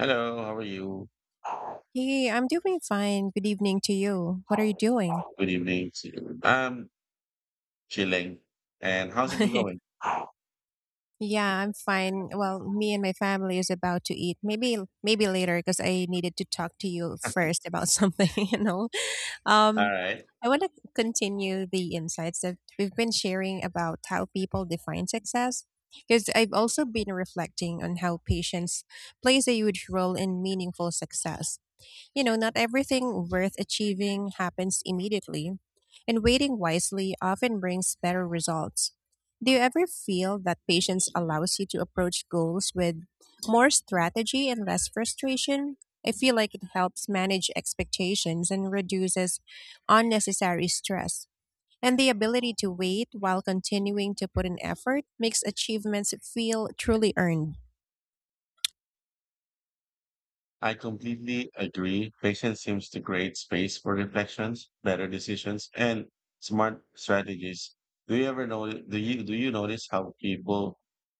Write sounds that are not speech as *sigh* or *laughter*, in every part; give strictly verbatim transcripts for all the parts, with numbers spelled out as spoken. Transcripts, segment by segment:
Hello, how are you? Hey, I'm doing fine. Good evening to you. What are you doing? Good evening to you. I'm chilling. And how's it been going? *laughs* Yeah, I'm fine. Well, me and my family is about to eat. Maybe maybe later because I needed to talk to you first about *laughs* something, you know. Um, All right. I want to continue the insights that we've been sharing about how people define success, because I've also been reflecting on how patience plays a huge role in meaningful success. You know, not everything worth achieving happens immediately, and waiting wisely often brings better results. Do you ever feel that patience allows you to approach goals with more strategy and less frustration? I feel like it helps manage expectations and reduces unnecessary stress. And the ability to wait while continuing to put in effort makes achievements feel truly earned. I completely agree. Patience seems to create space for reflections, better decisions, and smart strategies. Do you ever know? Do you do you notice how people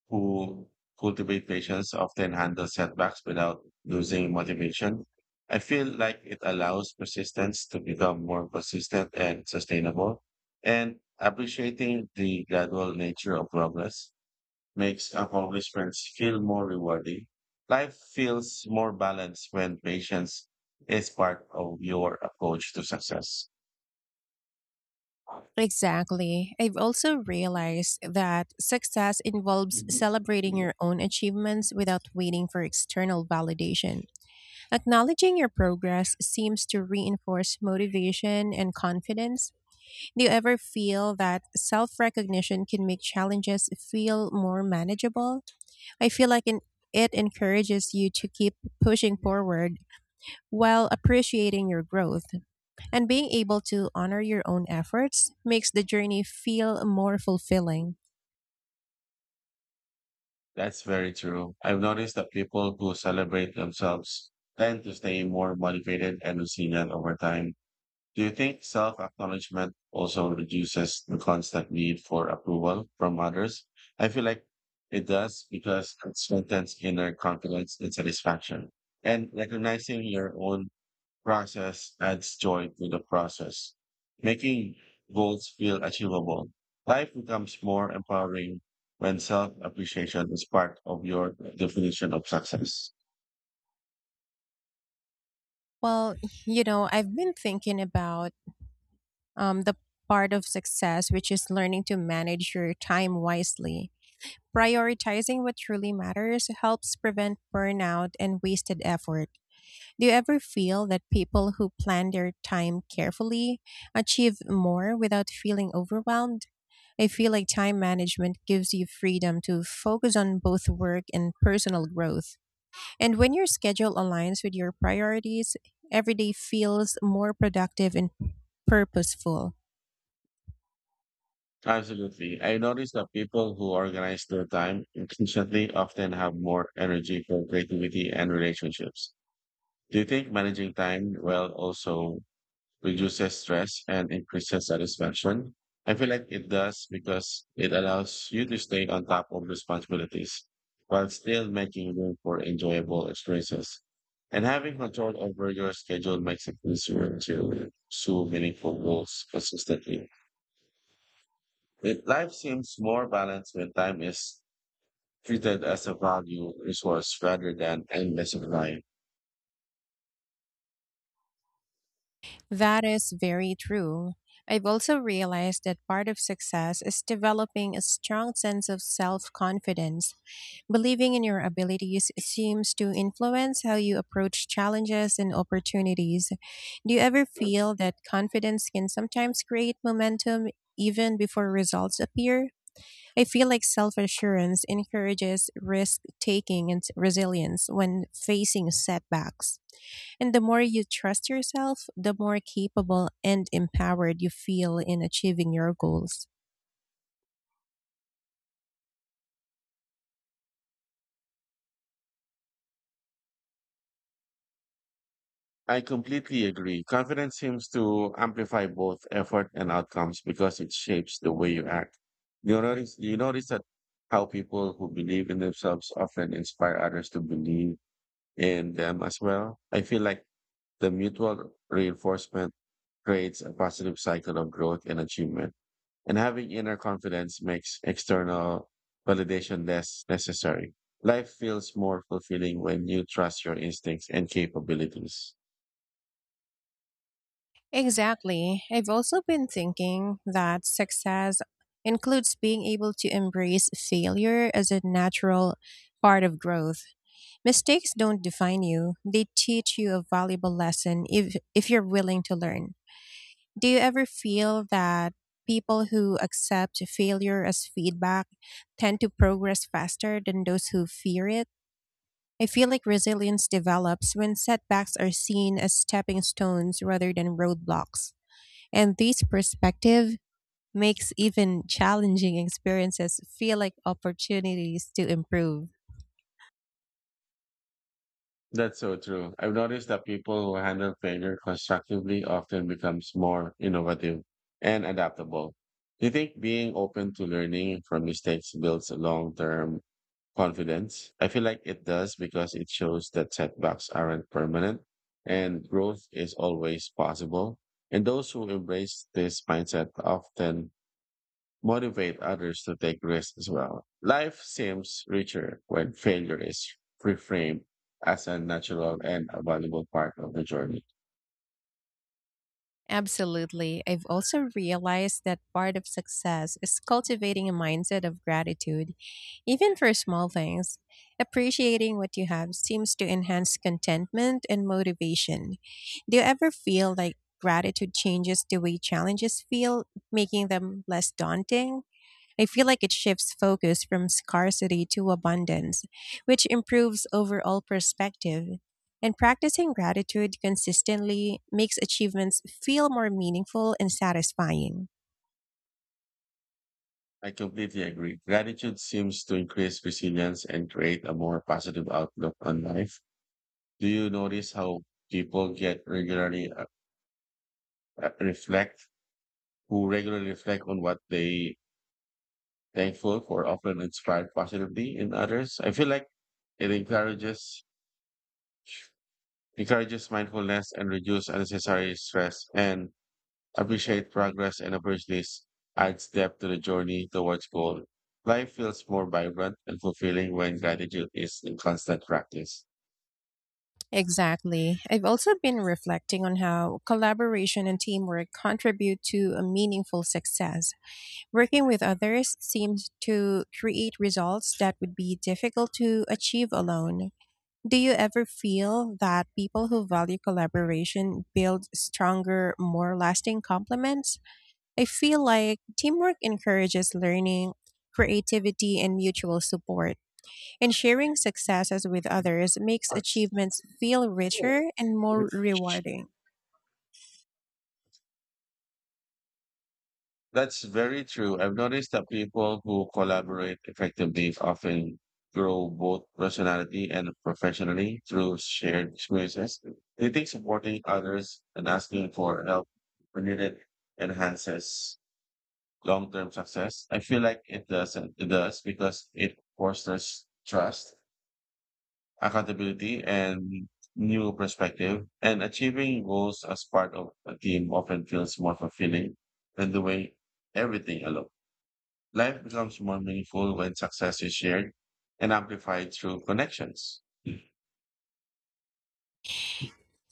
who cultivate patience often handle setbacks without losing motivation? I feel like it allows persistence to become more consistent and sustainable, and appreciating the gradual nature of progress makes accomplishments feel more rewarding. Life feels more balanced when patience is part of your approach to success. Exactly. I've also realized that success involves celebrating your own achievements without waiting for external validation. Acknowledging your progress seems to reinforce motivation and confidence. Do you ever feel that self recognition can make challenges feel more manageable? I feel like in it encourages you to keep pushing forward while appreciating your growth. And being able to honor your own efforts makes the journey feel more fulfilling. That's very true. I've noticed that people who celebrate themselves tend to stay more motivated and resilient over time. Do you think self acknowledgement also reduces the constant need for approval from others? I feel like it does because it strengthens inner confidence and satisfaction. And recognizing your own process adds joy to the process, making goals feel achievable. Life becomes more empowering when self appreciation is part of your definition of success. Well, you know, I've been thinking about um, the part of success, which is learning to manage your time wisely. Prioritizing what truly matters helps prevent burnout and wasted effort. Do you ever feel that people who plan their time carefully achieve more without feeling overwhelmed? I feel like time management gives you freedom to focus on both work and personal growth. And when your schedule aligns with your priorities, every day feels more productive and purposeful. Absolutely. I noticed that people who organize their time efficiently often have more energy for creativity and relationships. Do you think managing time well also reduces stress and increases satisfaction? I feel like it does because it allows you to stay on top of responsibilities while still making room for enjoyable experiences. And having control over your schedule makes it easier to pursue meaningful goals consistently. It, life seems more balanced when time is treated as a value resource rather than endless supply. That is very true. I've also realized that part of success is developing a strong sense of self confidence. Believing in your abilities seems to influence how you approach challenges and opportunities. Do you ever feel that confidence can sometimes create momentum even before results appear? I feel like self assurance encourages risk taking and resilience when facing setbacks. And the more you trust yourself, the more capable and empowered you feel in achieving your goals. I completely agree. Confidence seems to amplify both effort and outcomes because it shapes the way you act. You notice, you notice that how people who believe in themselves often inspire others to believe in them as well. I feel like the mutual reinforcement creates a positive cycle of growth and achievement. And having inner confidence makes external validation less necessary. Life feels more fulfilling when you trust your instincts and capabilities. Exactly. I've also been thinking that success includes being able to embrace failure as a natural part of growth. Mistakes don't define you, they teach you a valuable lesson if, if you're willing to learn. Do you ever feel that people who accept failure as feedback tend to progress faster than those who fear it? I feel like resilience develops when setbacks are seen as stepping stones rather than roadblocks. And this perspective makes even challenging experiences feel like opportunities to improve. That's so true. I've noticed that people who handle failure constructively often becomes more innovative and adaptable. Do you think being open to learning from mistakes builds a long-term confidence? I feel like it does because it shows that setbacks aren't permanent and growth is always possible. And those who embrace this mindset often motivate others to take risks as well. Life seems richer when failure is reframed as a natural and a valuable part of the journey. Absolutely. I've also realized that part of success is cultivating a mindset of gratitude, even for small things. Appreciating what you have seems to enhance contentment and motivation. Do you ever feel like gratitude changes the way challenges feel, making them less daunting? I feel like it shifts focus from scarcity to abundance, which improves overall perspective. And practicing gratitude consistently makes achievements feel more meaningful and satisfying. I completely agree. Gratitude seems to increase resilience and create a more positive outlook on life. Do you notice how people get regularly uh, reflect, who regularly reflect on what they thankful for, often inspired positively in others. I feel like it encourages encourages mindfulness and reduce unnecessary stress and appreciate progress and opportunities adds depth to the journey towards goal. Life feels more vibrant and fulfilling when gratitude is in constant practice. Exactly. I've also been reflecting on how collaboration and teamwork contribute to a meaningful success. Working with others seems to create results that would be difficult to achieve alone. Do you ever feel that people who value collaboration build stronger, more lasting complements? I feel like teamwork encourages learning, creativity, and mutual support, and sharing successes with others makes achievements feel richer and more rewarding. That's very true. I've noticed that people who collaborate effectively often grow both personality and professionally through shared experiences. Do you think supporting others and asking for help when needed enhances long-term success? I feel like it doesn't. It does because it fosters trust, accountability, and new perspective. And achieving goals as part of a team often feels more fulfilling than doing everything alone. Life becomes more meaningful when success is shared and amplified through connections.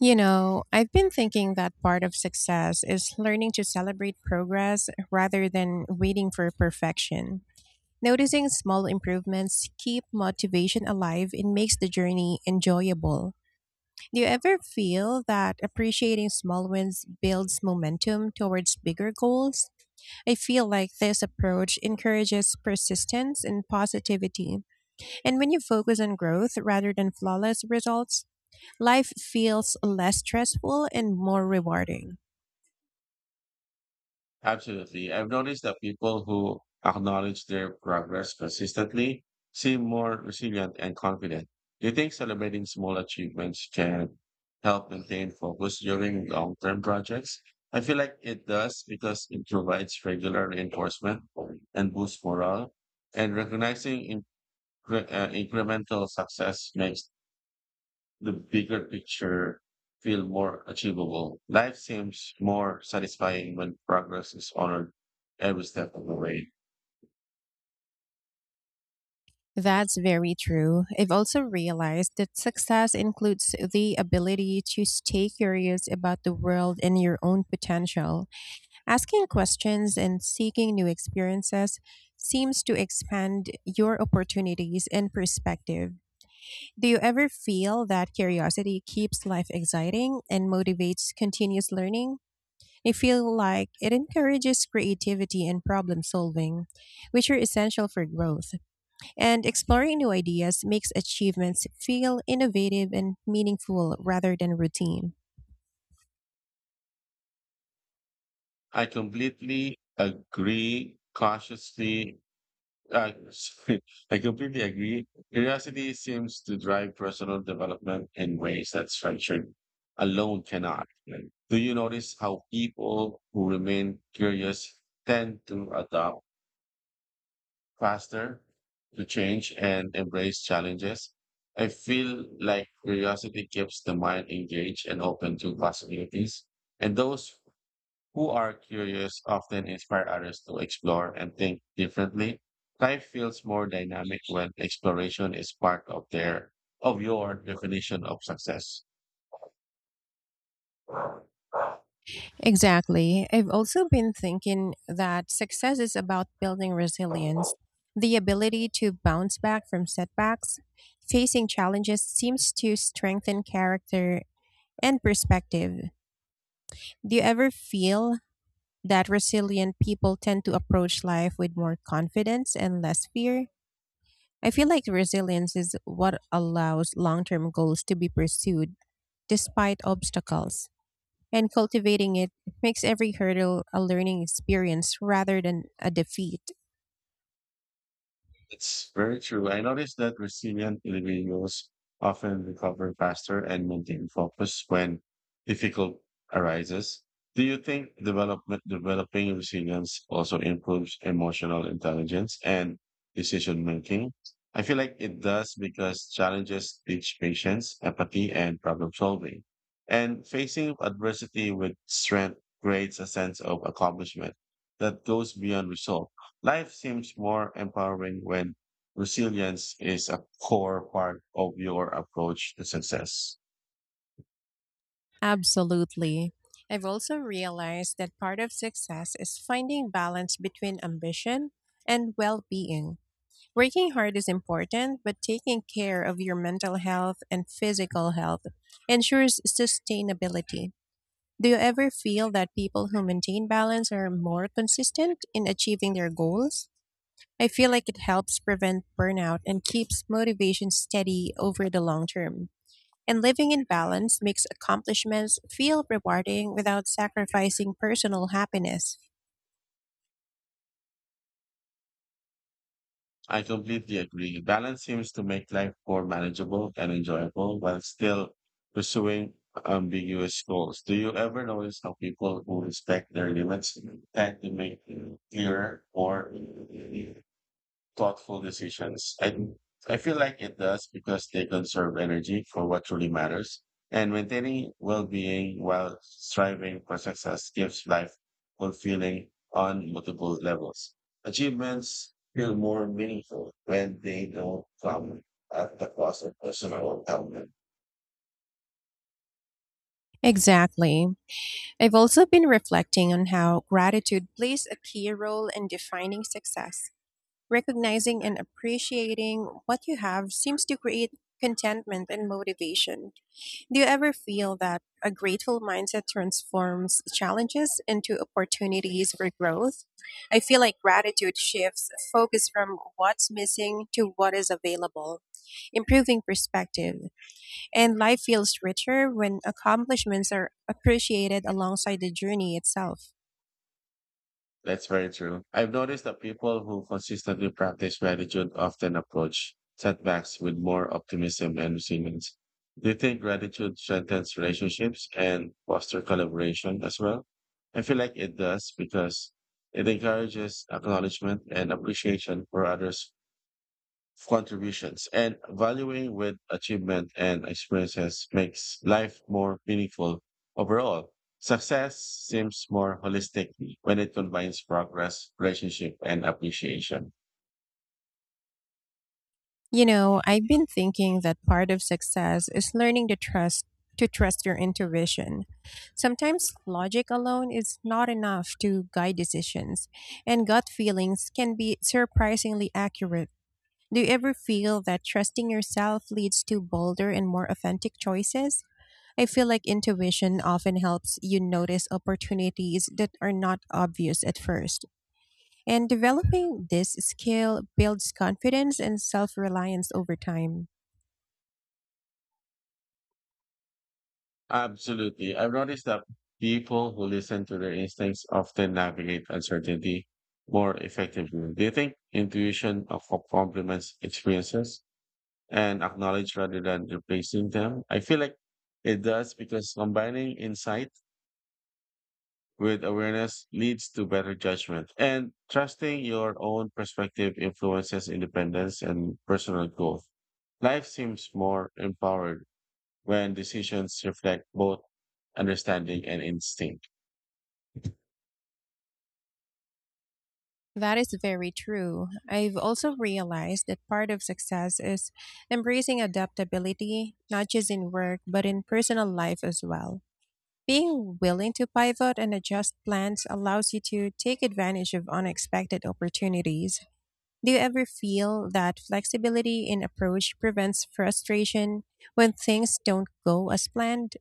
You know, I've been thinking that part of success is learning to celebrate progress rather than waiting for perfection. Noticing small improvements keep motivation alive and makes the journey enjoyable. Do you ever feel that appreciating small wins builds momentum towards bigger goals? I feel like this approach encourages persistence and positivity. And when you focus on growth rather than flawless results, life feels less stressful and more rewarding. Absolutely. I've noticed that people who acknowledge their progress consistently seem more resilient and confident. Do you think celebrating small achievements can help maintain focus during long term projects? I feel like it does because it provides regular reinforcement and boosts morale. And recognizing in, uh, incremental success makes the bigger picture feel more achievable. Life seems more satisfying when progress is honored every step of the way. That's very true. I've also realized that success includes the ability to stay curious about the world and your own potential. Asking questions and seeking new experiences seems to expand your opportunities and perspective. Do you ever feel that curiosity keeps life exciting and motivates continuous learning? I feel like it encourages creativity and problem solving, which are essential for growth. And exploring new ideas makes achievements feel innovative and meaningful rather than routine. I completely agree. Cautiously, uh, *laughs* sorry, I completely agree. Curiosity seems to drive personal development in ways that structure alone cannot. Do you notice how people who remain curious tend to adopt? Faster to change and embrace challenges. I feel like curiosity keeps the mind engaged and open to possibilities. And those who are curious often inspire others to explore and think differently. Life feels more dynamic when exploration is part of their of your definition of success. Exactly. I've also been thinking that success is about building resilience, the ability to bounce back from setbacks. Facing challenges seems to strengthen character and perspective. Do you ever feel that resilient people tend to approach life with more confidence and less fear? I feel like resilience is what allows long term goals to be pursued despite obstacles, and cultivating it makes every hurdle a learning experience rather than a defeat. It's very true. I noticed that resilient individuals often recover faster and maintain focus when difficult arises. Do you think development, developing resilience also improves emotional intelligence and decision making? I feel like it does because challenges teach patience, empathy, and problem solving. And facing adversity with strength creates a sense of accomplishment that goes beyond results. Life seems more empowering when resilience is a core part of your approach to success. Absolutely. I've also realized that part of success is finding balance between ambition and well being. Working hard is important, but taking care of your mental health and physical health ensures sustainability. Do you ever feel that people who maintain balance are more consistent in achieving their goals? I feel like it helps prevent burnout and keeps motivation steady over the long term. And living in balance makes accomplishments feel rewarding without sacrificing personal happiness. I completely agree. Balance seems to make life more manageable and enjoyable while still pursuing ambiguous goals. Do you ever notice how people who respect their limits tend to make clearer or thoughtful decisions. And I feel like it does because they conserve energy for what truly matters. And maintaining well being while striving for success gives life fulfilling on multiple levels. Achievements feel more meaningful when they don't come at the cost of personal health. Exactly. I've also been reflecting on how gratitude plays a key role in defining success. Recognizing and appreciating what you have seems to create contentment and motivation. Do you ever feel that a grateful mindset transforms challenges into opportunities for growth? I feel like gratitude shifts focus from what's missing to what is available, improving perspective. And life feels richer when accomplishments are appreciated alongside the journey itself. That's very true. I've noticed that people who consistently practice gratitude often approach setbacks with more optimism and resilience. Do you think gratitude strengthens relationships and foster collaboration as well? I feel like it does because it encourages acknowledgement and appreciation for others' contributions and valuing with achievement and experiences makes life more meaningful overall. Success seems more holistic when it combines progress, relationship, and appreciation. You know, I've been thinking that part of success is learning to trust to trust your intuition. Sometimes logic alone is not enough to guide decisions, and gut feelings can be surprisingly accurate. Do you ever feel that trusting yourself leads to bolder and more authentic choices? I feel like intuition often helps you notice opportunities that are not obvious at first. And developing this skill builds confidence and self reliance over time. Absolutely. I've noticed that people who listen to their instincts often navigate uncertainty more effectively. Do you think intuition of of complements experiences and acknowledge rather than replacing them? I feel like it does because combining insight with awareness leads to better judgment. And trusting your own perspective influences independence and personal growth. Life seems more empowered when decisions reflect both understanding and instinct. That is very true. I've also realized that part of success is embracing adaptability, not just in work, but in personal life as well. Being willing to pivot and adjust plans allows you to take advantage of unexpected opportunities. Do you ever feel that flexibility in approach prevents frustration when things don't go as planned?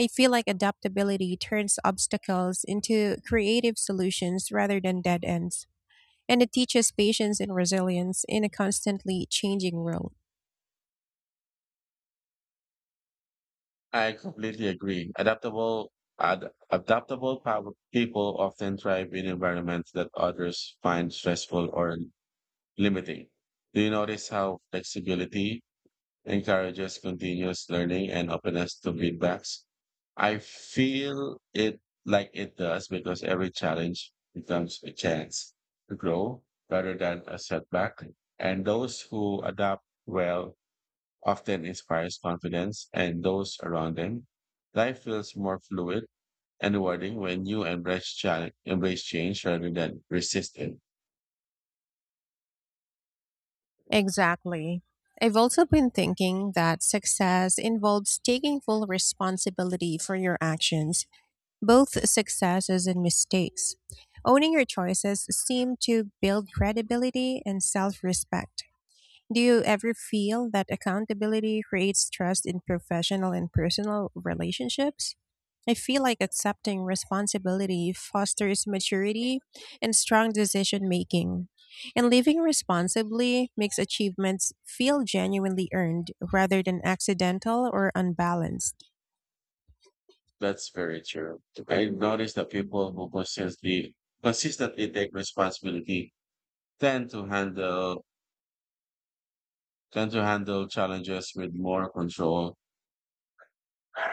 I feel like adaptability turns obstacles into creative solutions rather than dead ends. And it teaches patience and resilience in a constantly changing world. I completely agree. Adaptable, ad, adaptable pow- people often thrive in environments that others find stressful or limiting. Do you notice how flexibility encourages continuous learning and openness to feedbacks. I feel it like it does because every challenge becomes a chance to grow rather than a setback. And those who adapt well often inspires confidence and those around them. Life feels more fluid and rewarding when you embrace challenge, embrace change rather than resist it. Exactly. I've also been thinking that success involves taking full responsibility for your actions, both successes and mistakes. Owning your choices seem to build credibility and self respect. Do you ever feel that accountability creates trust in professional and personal relationships? I feel like accepting responsibility fosters maturity and strong decision making. And living responsibly makes achievements feel genuinely earned rather than accidental or unbalanced. That's very true. I noticed that people who consistently consistently take responsibility tend to handle tend to handle challenges with more control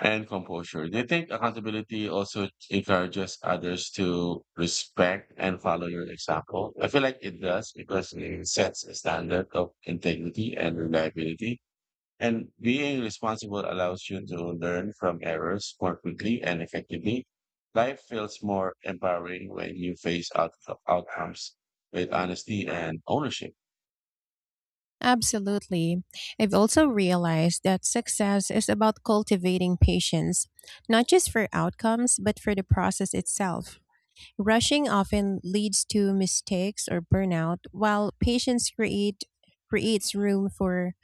and composure. Do you think accountability also encourages others to respect and follow your example? I feel like it does because it sets a standard of integrity and reliability. And being responsible allows you to learn from errors more quickly and effectively. Life feels more empowering when you face out- outcomes with honesty and ownership. Absolutely. I've also realized that success is about cultivating patience, not just for outcomes, but for the process itself. Rushing often leads to mistakes or burnout, while patience create, creates room for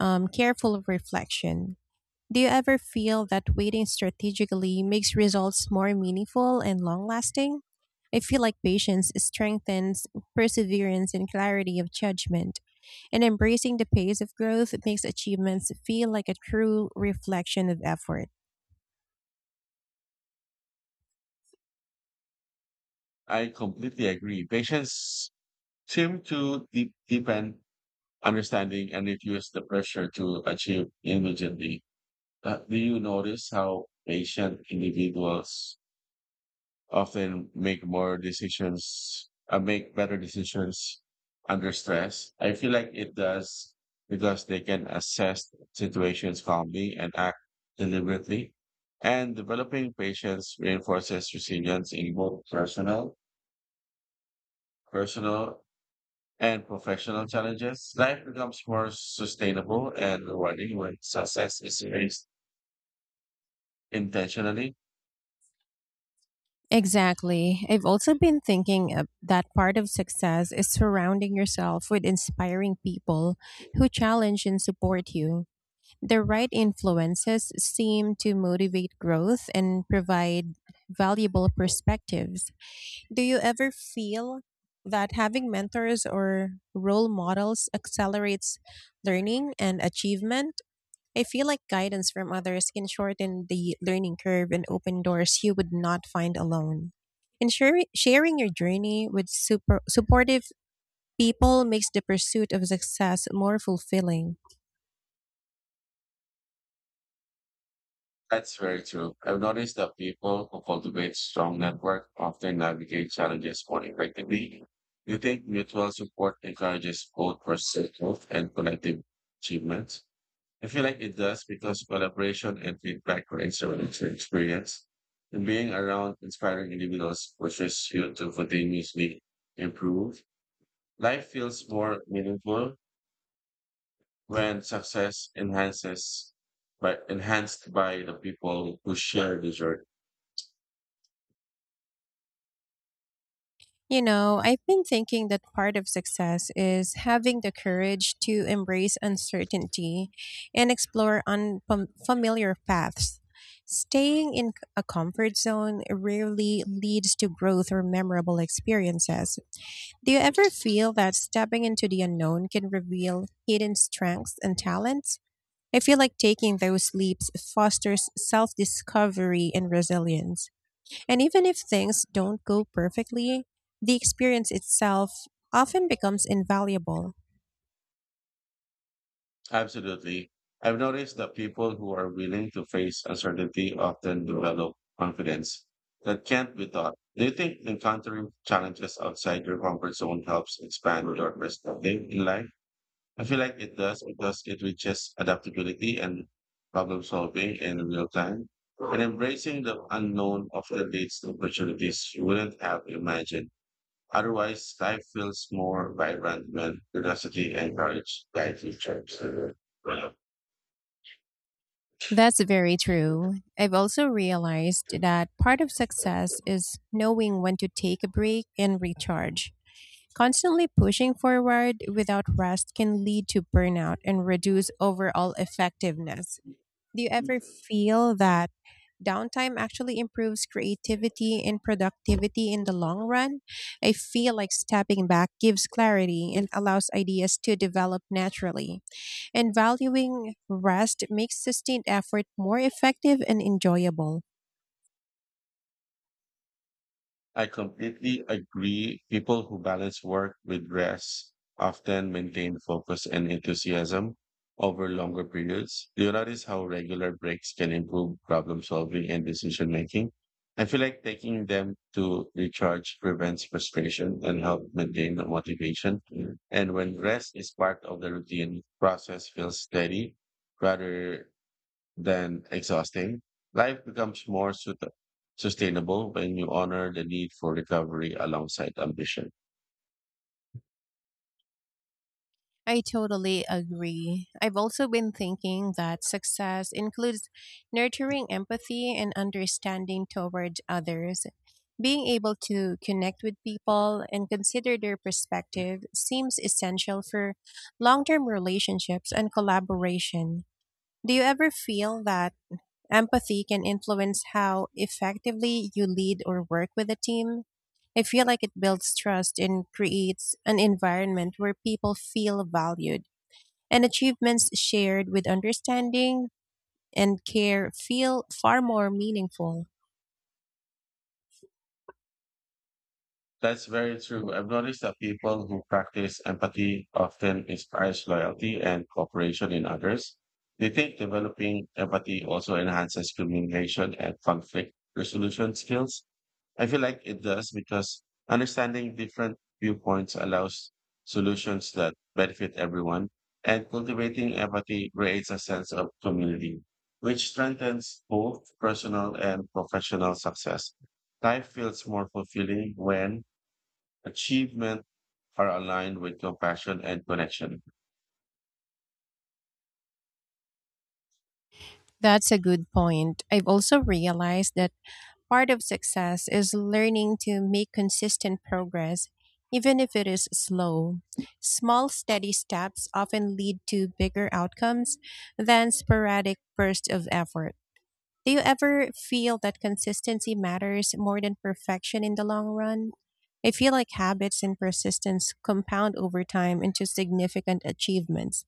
um, careful reflection. Do you ever feel that waiting strategically makes results more meaningful and long lasting? I feel like patience strengthens perseverance and clarity of judgment, and embracing the pace of growth makes achievements feel like a true reflection of effort. I completely agree. Patience seem to deep, deepen understanding and reduce the pressure to achieve immediately. Uh, do you notice how patient individuals often make more decisions, uh, make better decisions under stress. I feel like it does because they can assess situations calmly and act deliberately. And developing patience reinforces resilience in both personal, personal and professional challenges. Life becomes more sustainable and rewarding when success is faced intentionally Exactly. I've also been thinking of that part of success is surrounding yourself with inspiring people who challenge and support you. The right influences seem to motivate growth and provide valuable perspectives. Do you ever feel that having mentors or role models accelerates learning and achievement? I feel like guidance from others can shorten the learning curve and open doors you would not find alone. And sharing sharing your journey with super supportive people makes the pursuit of success more fulfilling. That's very true. I've noticed that people who cultivate strong network often navigate challenges more effectively. Do you think mutual support encourages both personal growth and collective achievements? I feel like it does because collaboration and feedback creates a richer experience. And being around inspiring individuals pushes you to continuously improve. Life feels more meaningful when success enhances by enhanced by the people who share the journey. You know, I've been thinking that part of success is having the courage to embrace uncertainty and explore unfamiliar paths. Staying in c- a comfort zone rarely leads to growth or memorable experiences. Do you ever feel that stepping into the unknown can reveal hidden strengths and talents? I feel like taking those leaps fosters self discovery and resilience. And even if things don't go perfectly, the experience itself often becomes invaluable. Absolutely. I've noticed that people who are willing to face uncertainty often develop confidence that can't be taught. Do you think encountering challenges outside your comfort zone helps expand your perspective in life? I feel like it does because it reaches adaptability and problem solving in real time. And embracing the unknown often leads to opportunities you wouldn't have imagined. Otherwise, life feels more vibrant when curiosity and courage guide you. That's very true. I've also realized that part of success is knowing when to take a break and recharge. Constantly pushing forward without rest can lead to burnout and reduce overall effectiveness. Do you ever feel that downtime actually improves creativity and productivity in the long run? I feel like stepping back gives clarity and allows ideas to develop naturally. And valuing rest makes sustained effort more effective and enjoyable. I completely agree. People who balance work with rest often maintain focus and enthusiasm over longer periods. Do you notice how regular breaks can improve problem solving and decision making? I feel like taking them to recharge prevents frustration and help maintain the motivation. And when rest is part of the routine, process feels steady rather than exhausting. Life becomes more sut- sustainable when you honor the need for recovery alongside ambition. I totally agree. I've also been thinking that success includes nurturing empathy and understanding towards others. Being able to connect with people and consider their perspective seems essential for long term relationships and collaboration. Do you ever feel that empathy can influence how effectively you lead or work with a team? I feel like it builds trust and creates an environment where people feel valued, and achievements shared with understanding and care feel far more meaningful. That's very true. I've noticed that people who practice empathy often inspires loyalty and cooperation in others. They think developing empathy also enhances communication and conflict resolution skills. I feel like it does because understanding different viewpoints allows solutions that benefit everyone, and cultivating empathy creates a sense of community, which strengthens both personal and professional success. Life feels more fulfilling when achievement are aligned with compassion and connection. That's a good point. I've also realized that part of success is learning to make consistent progress, even if it is slow. Small, steady steps often lead to bigger outcomes than sporadic bursts of effort. Do you ever feel that consistency matters more than perfection in the long run? I feel like habits and persistence compound over time into significant achievements,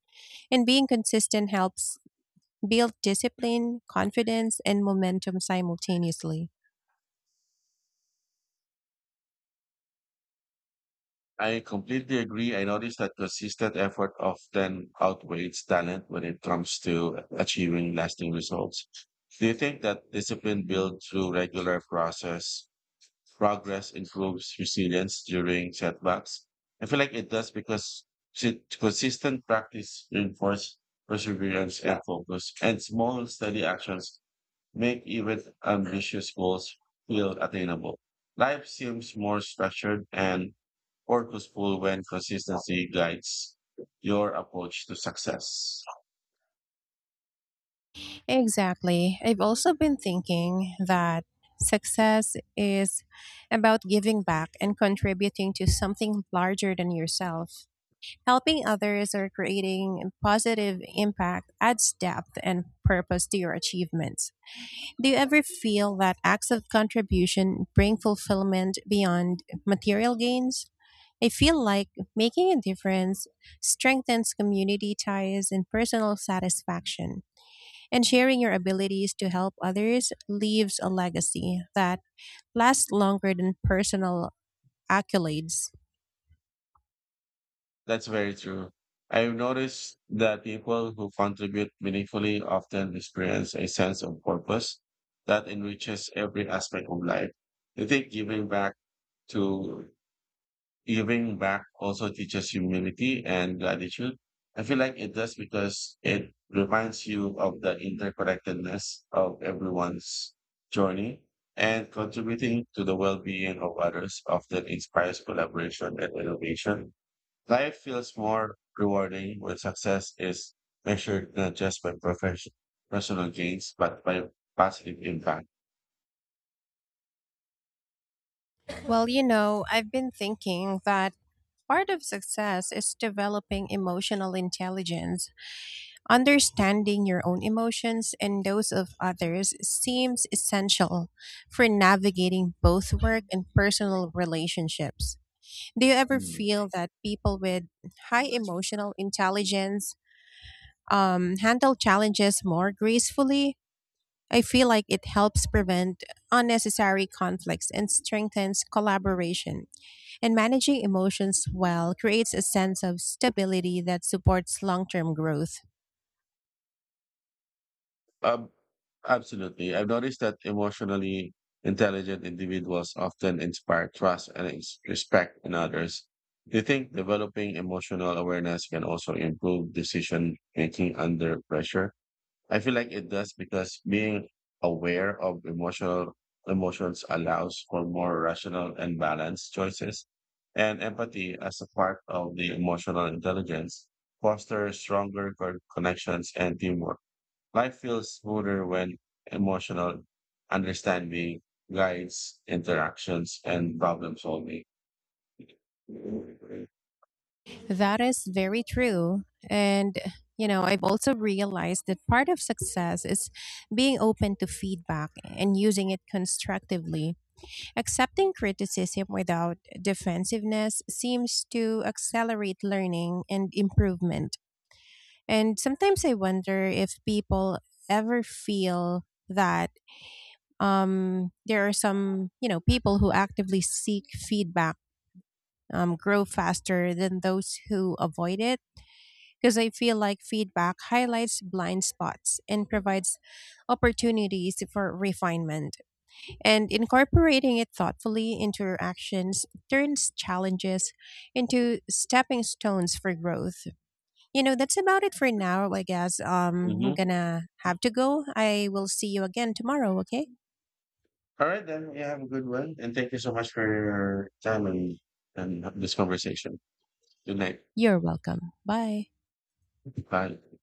and being consistent helps build discipline, confidence, and momentum simultaneously. I completely agree. I noticed that consistent effort often outweighs talent when it comes to achieving lasting results. Do you think that discipline built through regular process progress improves resilience during setbacks? I feel like it does because si- consistent practice reinforces perseverance and focus, and small steady actions make even ambitious goals feel attainable. Life seems more structured and purposeful when consistency guides your approach to success. Exactly. I've also been thinking that success is about giving back and contributing to something larger than yourself. Helping others or creating a positive impact adds depth and purpose to your achievements. Do you ever feel that acts of contribution bring fulfillment beyond material gains? I feel like making a difference strengthens community ties and personal satisfaction, and sharing your abilities to help others leaves a legacy that lasts longer than personal accolades. That's very true. I've noticed that people who contribute meaningfully often experience a sense of purpose that enriches every aspect of life. I think giving back to giving back also teaches humility and gratitude. I feel like it does because it reminds you of the interconnectedness of everyone's journey and contributing to the well-being of others often inspires collaboration and innovation. Life feels more rewarding when success is measured not just by profession, personal gains, but by positive impact. Well, you know, I've been thinking that part of success is developing emotional intelligence. Understanding your own emotions and those of others seems essential for navigating both work and personal relationships. Do you ever Mm. feel that people with high emotional intelligence um, handle challenges more gracefully? I feel like it helps prevent unnecessary conflicts and strengthens collaboration. And managing emotions well creates a sense of stability that supports long term growth. Um, absolutely. I've noticed that emotionally intelligent individuals often inspire trust and ex- respect in others. Do you think developing emotional awareness can also improve decision making under pressure? I feel like it does because being aware of emotional emotions allows for more rational and balanced choices. And empathy as a part of the emotional intelligence fosters stronger co- connections and teamwork. Life feels smoother when emotional understanding guides interactions and problem solving. Mhm. That is very true. And, you know, I've also realized that part of success is being open to feedback and using it constructively. Accepting criticism without defensiveness seems to accelerate learning and improvement. And sometimes I wonder if people ever feel that um, there are some, you know, people who actively seek feedback um, grow faster than those who avoid it, because I feel like feedback highlights blind spots and provides opportunities for refinement, and incorporating it thoughtfully into your actions turns challenges into stepping stones for growth. You know, that's about it for now, I guess. um, I'm gonna have to go. I will see you again tomorrow, okay. All right, then. You have a good one. And thank you so much for your time and, and this conversation. Good night. You're welcome. Bye. Bye.